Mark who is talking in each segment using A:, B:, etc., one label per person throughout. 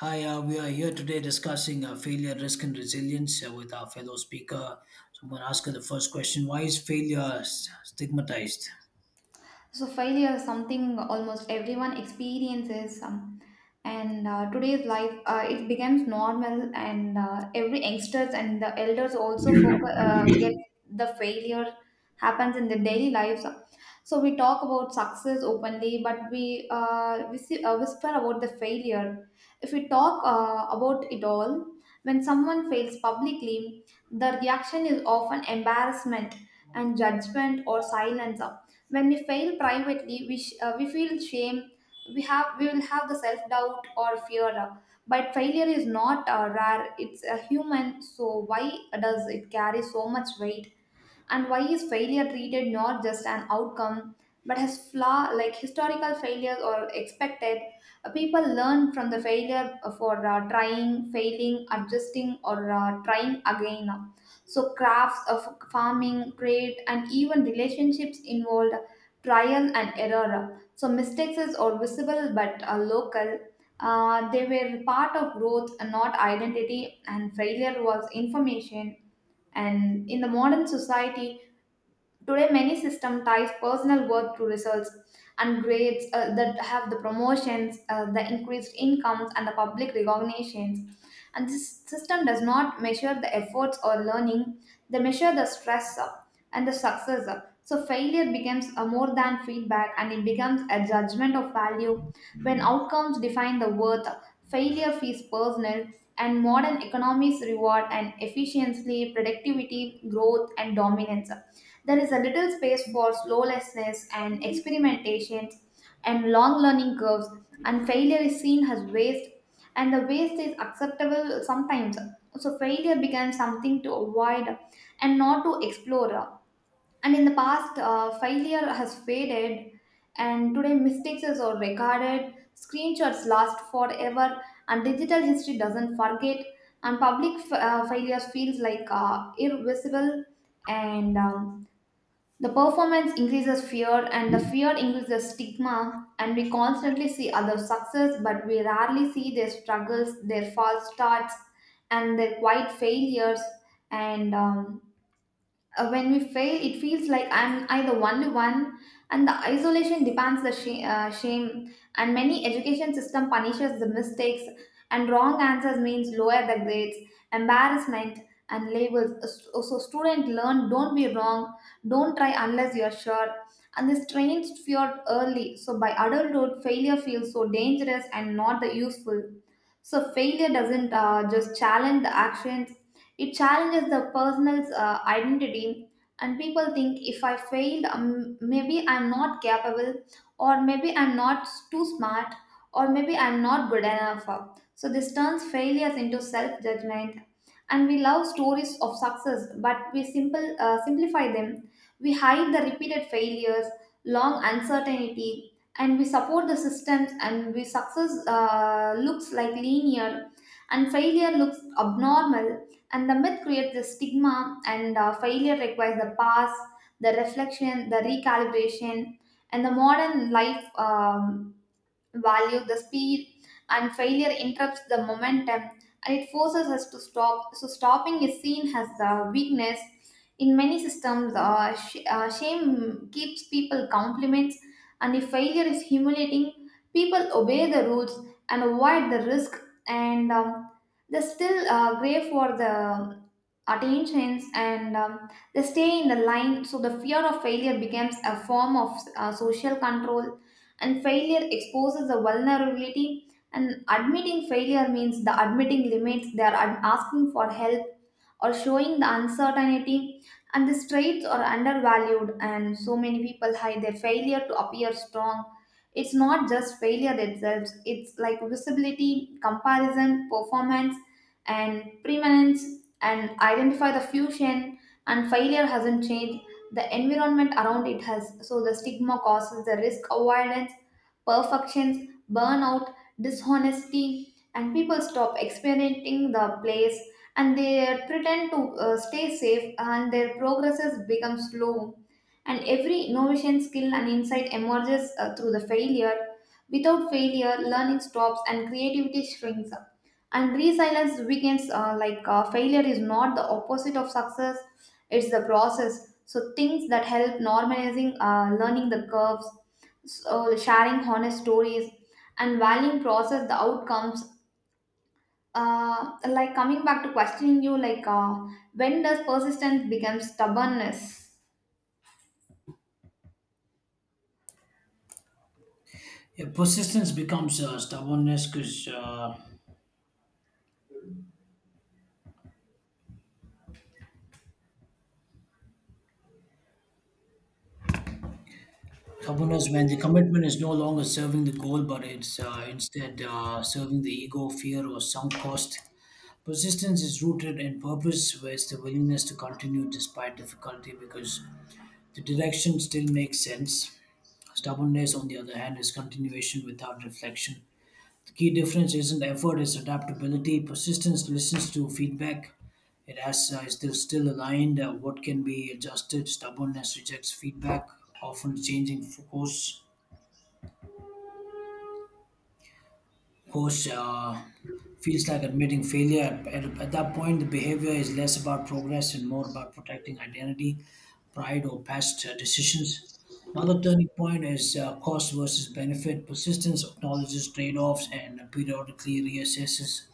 A: Hi, we are here today discussing failure, risk, and resilience with our fellow speaker. So, I'm going to ask her the first question: why is failure stigmatized?
B: So failure is something almost everyone experiences, and today's life it becomes normal, and every youngsters and the elders also focus, get the failure happens in their daily lives. So we talk about success openly, but we whisper about the failure. If we talk about it all, when someone fails publicly, the reaction is often embarrassment and judgment or silence. When we fail privately, we feel shame. We will have the self doubt or fear. But failure is not rare. It's a human. So why does it carry so much weight? And why is failure treated not just an outcome but as flaw, like historical failures or expected. People learn from the failure for trying, failing, adjusting, or trying again. So crafts of farming, trade, and even relationships involved trial and error, so mistakes is or visible but local. They were part of growth and not identity, and failure was information. And in the modern society today, many systems ties personal worth to results and grades, that have the promotions, the increased incomes, and the public recognitions. And this system does not measure the efforts or learning; they measure the stress up and the success up. So failure becomes a more than feedback, and it becomes a judgment of value. When outcomes define the worth, failure feels personal, and modern economies reward and efficiency, productivity, growth, and dominance. There is a little space for slowlessness and experimentations and long learning curves, and failure is seen as waste, and the waste is acceptable sometimes. So failure becomes something to avoid and not to explore. And in the past, failure has faded, and today, mistakes are recorded, screenshots last forever, and digital history doesn't forget, and public failures feels like irreversible. And the performance increases fear, and the fear increases stigma, and we constantly see other success, but we rarely see their struggles, their false starts, and their quiet failures. And when we fail it feels like I'm I the only one, and the isolation depends the shame, and many education system punishes the mistakes, and wrong answers means lower the grades, embarrassment, and labels. So student learn don't be wrong, don't try unless you're sure, and this trains fear early. So by adulthood failure feels so dangerous and not the useful. So failure doesn't just challenge the actions, it challenges the person's identity, and people think if I failed, maybe I'm not capable, or maybe I'm not too smart, or maybe I'm not good enough. So this turns failures into self judgment. And we love stories of success, but we simplify them. We hide the repeated failures, long uncertainty, and we support the systems, and we success looks like linear and failure looks abnormal, and the myth creates the stigma. And failure requires the pause, the reflection, the recalibration, and the modern life. Value the speed, and failure interrupts the momentum, and it forces us to stop. So stopping is seen as the weakness in many systems. Shame keeps people compliments, and if failure is humiliating people obey the rules and avoid the risk. And they still crave for the attentions, and they stay in the line. So the fear of failure becomes a form of social control, and failure exposes a vulnerability, and admitting failure means the admitting limits, they are asking for help or showing the uncertainty, and these traits are undervalued, and so many people hide their failure to appear strong. It's not just failure itself, it's like visibility, comparison, performance, and preeminence and identify the fusion. And failure hasn't changed, the environment around it has. So the stigma causes the risk avoidance, perfections, burnout, dishonesty, and people stop experimenting the place, and they pretend to stay safe, and their progresses become slow. And every innovation, skill, and insight emerges through the failure. Without failure learning stops, and creativity shrinks up, and resilience weakens. Failure is not the opposite of success, it's the process. So things that help normalizing learning the curves, so sharing honest stories, and valuing process the outcomes. Like coming back to questioning you, like, when does persistence become stubbornness?
A: Yeah, persistence becomes stubbornness because stubbornness when the commitment is no longer serving the goal, but it's instead serving the ego, fear, or sunk cost. Persistence is rooted in purpose, where it's the willingness to continue despite difficulty because the direction still makes sense. Stubbornness, on the other hand, is continuation without reflection. The key difference isn't effort, it's adaptability. Persistence listens to feedback. It has is still aligned. What can be adjusted? Stubbornness rejects feedback, often changing focus. Of course feels like admitting failure. At that point, the behavior is less about progress and more about protecting identity, pride, or past decisions. Another turning point is cost versus benefit. Persistence acknowledges trade offs and periodically reassesses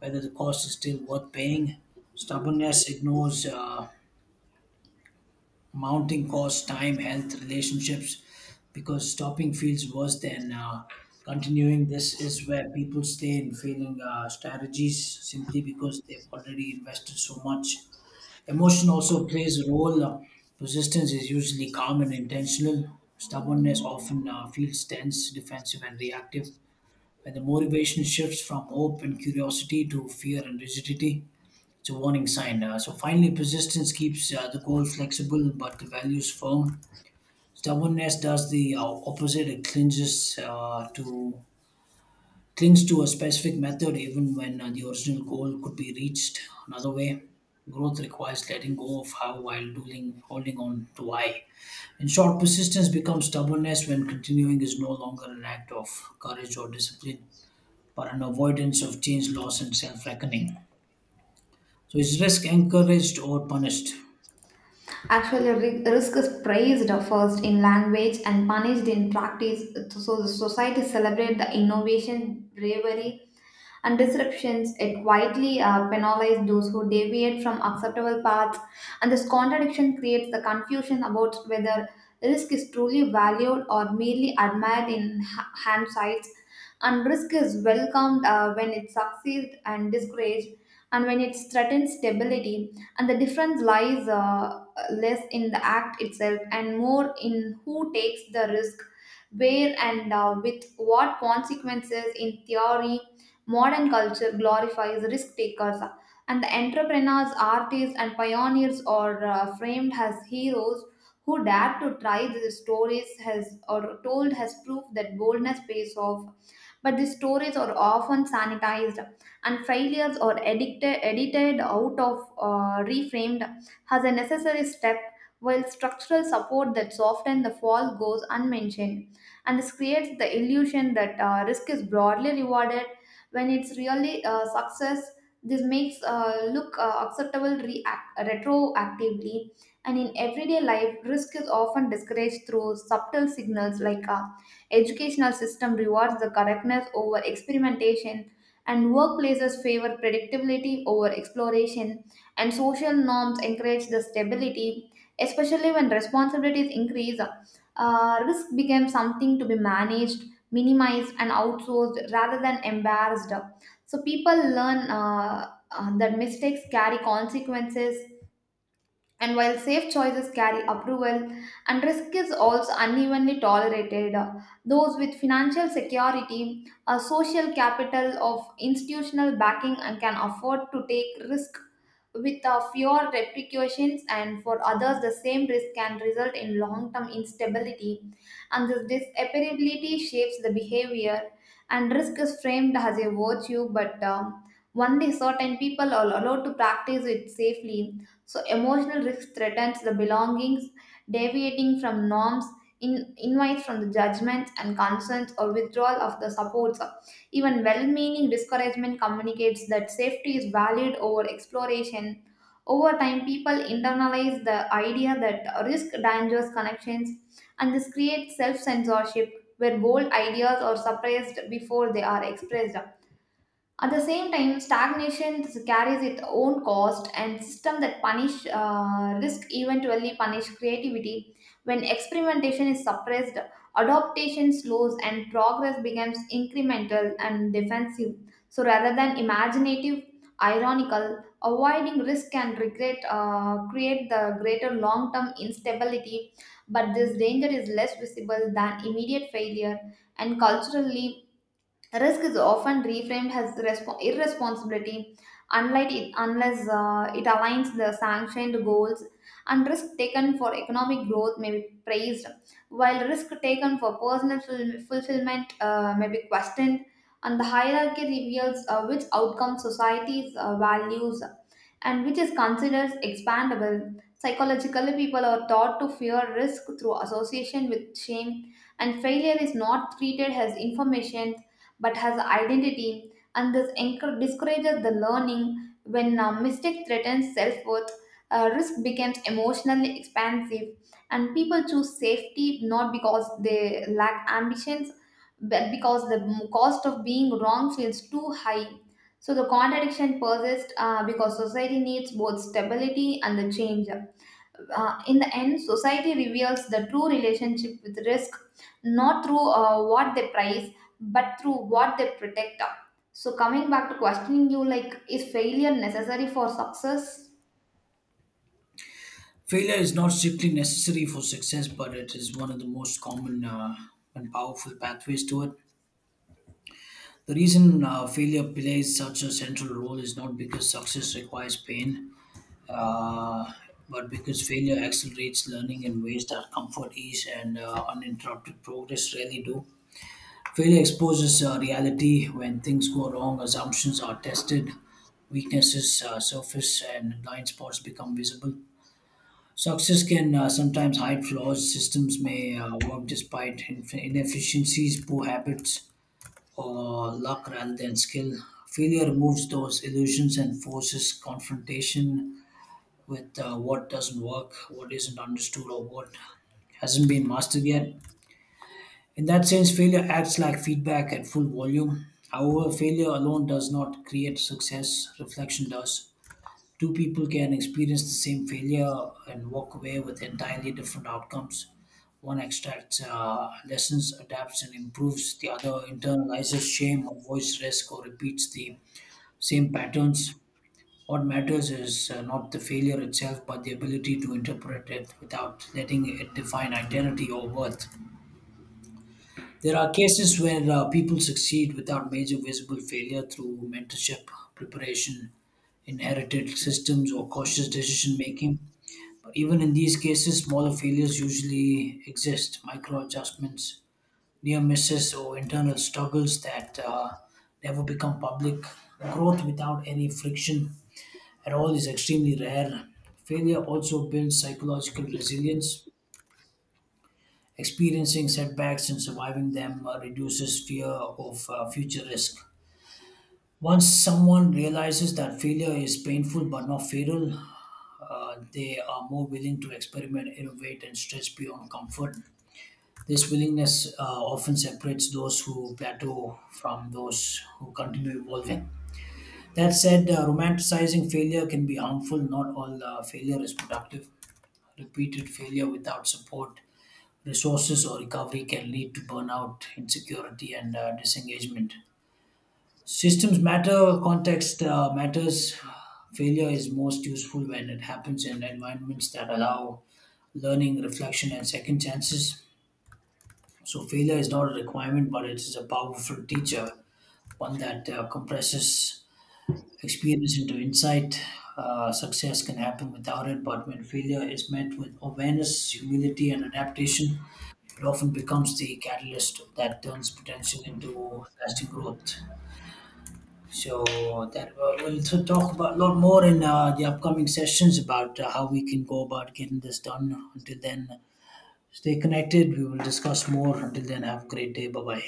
A: whether the cost is still worth paying. Stubbornness ignores. Mounting costs, time, health, relationships, because stopping feels worse than continuing. This is where people stay in failing strategies simply because they've already invested so much. Emotion also plays a role. Persistence is usually calm and intentional. Stubbornness often feels tense, defensive, and reactive. When the motivation shifts from hope and curiosity to fear and rigidity, it's a warning sign. So finally, persistence keeps the goal flexible, but the values firm. Stubbornness does the opposite. It clinges to clings to a specific method, even when the original goal could be reached another way. Growth requires letting go of how while doing, holding on to why. In short, persistence becomes stubbornness when continuing is no longer an act of courage or discipline, but an avoidance of change, loss, and self reckoning. So, is risk encouraged or punished?
B: Actually, risk is praised first in language and punished in practice. So the society celebrate the innovation, bravery, and disruptions. It quietly penalizes those who deviate from acceptable paths, and this contradiction creates the confusion about whether risk is truly valued or merely admired in hindsight. And risk is welcomed when it succeeds and discouraged, and when it threatens stability. And the difference lies less in the act itself and more in who takes the risk, where, and with what consequences. In theory, modern culture glorifies risk takers, and the entrepreneurs, artists, and pioneers are framed as heroes who dared to try. These stories has or told has proved that boldness pays off. But these stories are often sanitized, and failures are edited out of reframed as a necessary step, while structural support that softens the fall goes unmentioned, and this creates the illusion that risk is broadly rewarded when it's really success. This makes look acceptable react, retroactively. And in everyday life risk is often discouraged through subtle signals, like educational system rewards the correctness over experimentation, and workplaces favor predictability over exploration, and social norms encourage the stability, especially when responsibilities increase. Risk becomes something to be managed, minimized, and outsourced rather than embarrassed. So people learn that mistakes carry consequences, and while safe choices carry approval, and risk is also unevenly tolerated. Those with financial security, a social capital of institutional backing, and can afford to take risk with fewer repercussions, and for others, the same risk can result in long term instability. And this disapparability shapes the behavior, and risk is framed as a virtue, but only certain people are allowed to practice it safely. So, emotional risk threatens the belongings, deviating from norms, in, invites from the judgments and concerns, or withdrawal of the supports. Even well meaning discouragement communicates that safety is valid over exploration. Over time, people internalize the idea that risk dangers connections, and this creates self censorship where bold ideas are suppressed before they are expressed. At the same time, stagnation carries its own cost, and system that punish risk eventually punish creativity. When experimentation is suppressed, adaptation slows, and progress becomes incremental and defensive. So, rather than imaginative, ironical, avoiding risk and regret create the greater long-term instability. But this danger is less visible than immediate failure, and culturally risk is often reframed as irresponsibility, unlike it, unless it aligns the sanctioned goals, and risk taken for economic growth may be praised while risk taken for personal fulfillment may be questioned, and the hierarchy reveals which outcome societies values and which is considered expandable. Psychologically people are taught to fear risk through association with shame, and failure is not treated as information but has identity, and this discourages the learning when a mistake threatens self worth. Risk becomes emotionally expansive, and people choose safety not because they lack ambitions, but because the cost of being wrong feels too high. So the contradiction persists because society needs both stability and the change. In the end, society reveals the true relationship with risk not through what they prize but through what they protect. So, coming back to questioning you, like, is failure necessary for success?
A: Failure is not strictly necessary for success, but it is one of the most common and powerful pathways to it. The reason failure plays such a central role is not because success requires pain, uh, but because failure accelerates learning in ways that comfort, ease, and uninterrupted progress rarely do. Failure exposes reality. When things go wrong, assumptions are tested, weaknesses surface, and blind spots become visible. Success can sometimes hide flaws. Systems may work despite inefficiencies, poor habits, or luck rather than skill. Failure removes those illusions and forces confrontation with what doesn't work, what isn't understood, or what hasn't been mastered yet. In that sense, failure acts like feedback at full volume. However, failure alone does not create success, reflection does. Two people can experience the same failure and walk away with entirely different outcomes. One extracts lessons, adapts, and improves. The other internalizes shame, avoids risk, or repeats the same patterns. What matters is not the failure itself, but the ability to interpret it without letting it define identity or worth. There are cases where people succeed without major visible failure through mentorship, preparation, inherited systems, or cautious decision making. But even in these cases, smaller failures usually exist: micro adjustments, near misses, or internal struggles that never become public. Growth without any friction at all is extremely rare. Failure also builds psychological resilience. Experiencing setbacks and surviving them reduces fear of future risk. Once someone realizes that failure is painful but not fatal, they are more willing to experiment, innovate, and stretch beyond comfort. This willingness often separates those who plateau from those who continue evolving. That said, romanticizing failure can be harmful. Not all failure is productive. Repeated failure without support, resources, or recovery can lead to burnout, insecurity, and disengagement. Systems matter, context matters. Failure is most useful when it happens in environments that allow learning, reflection, and second chances. So failure is not a requirement, but it is a powerful teacher, one that compresses experience into insight. Success can happen without it, but when failure is met with awareness, humility, and adaptation, it often becomes the catalyst that turns potential into lasting growth. So that we'll talk about a lot more in the upcoming sessions about how we can go about getting this done. Until then, stay connected. We will discuss more. Until then, have a great day. Bye bye.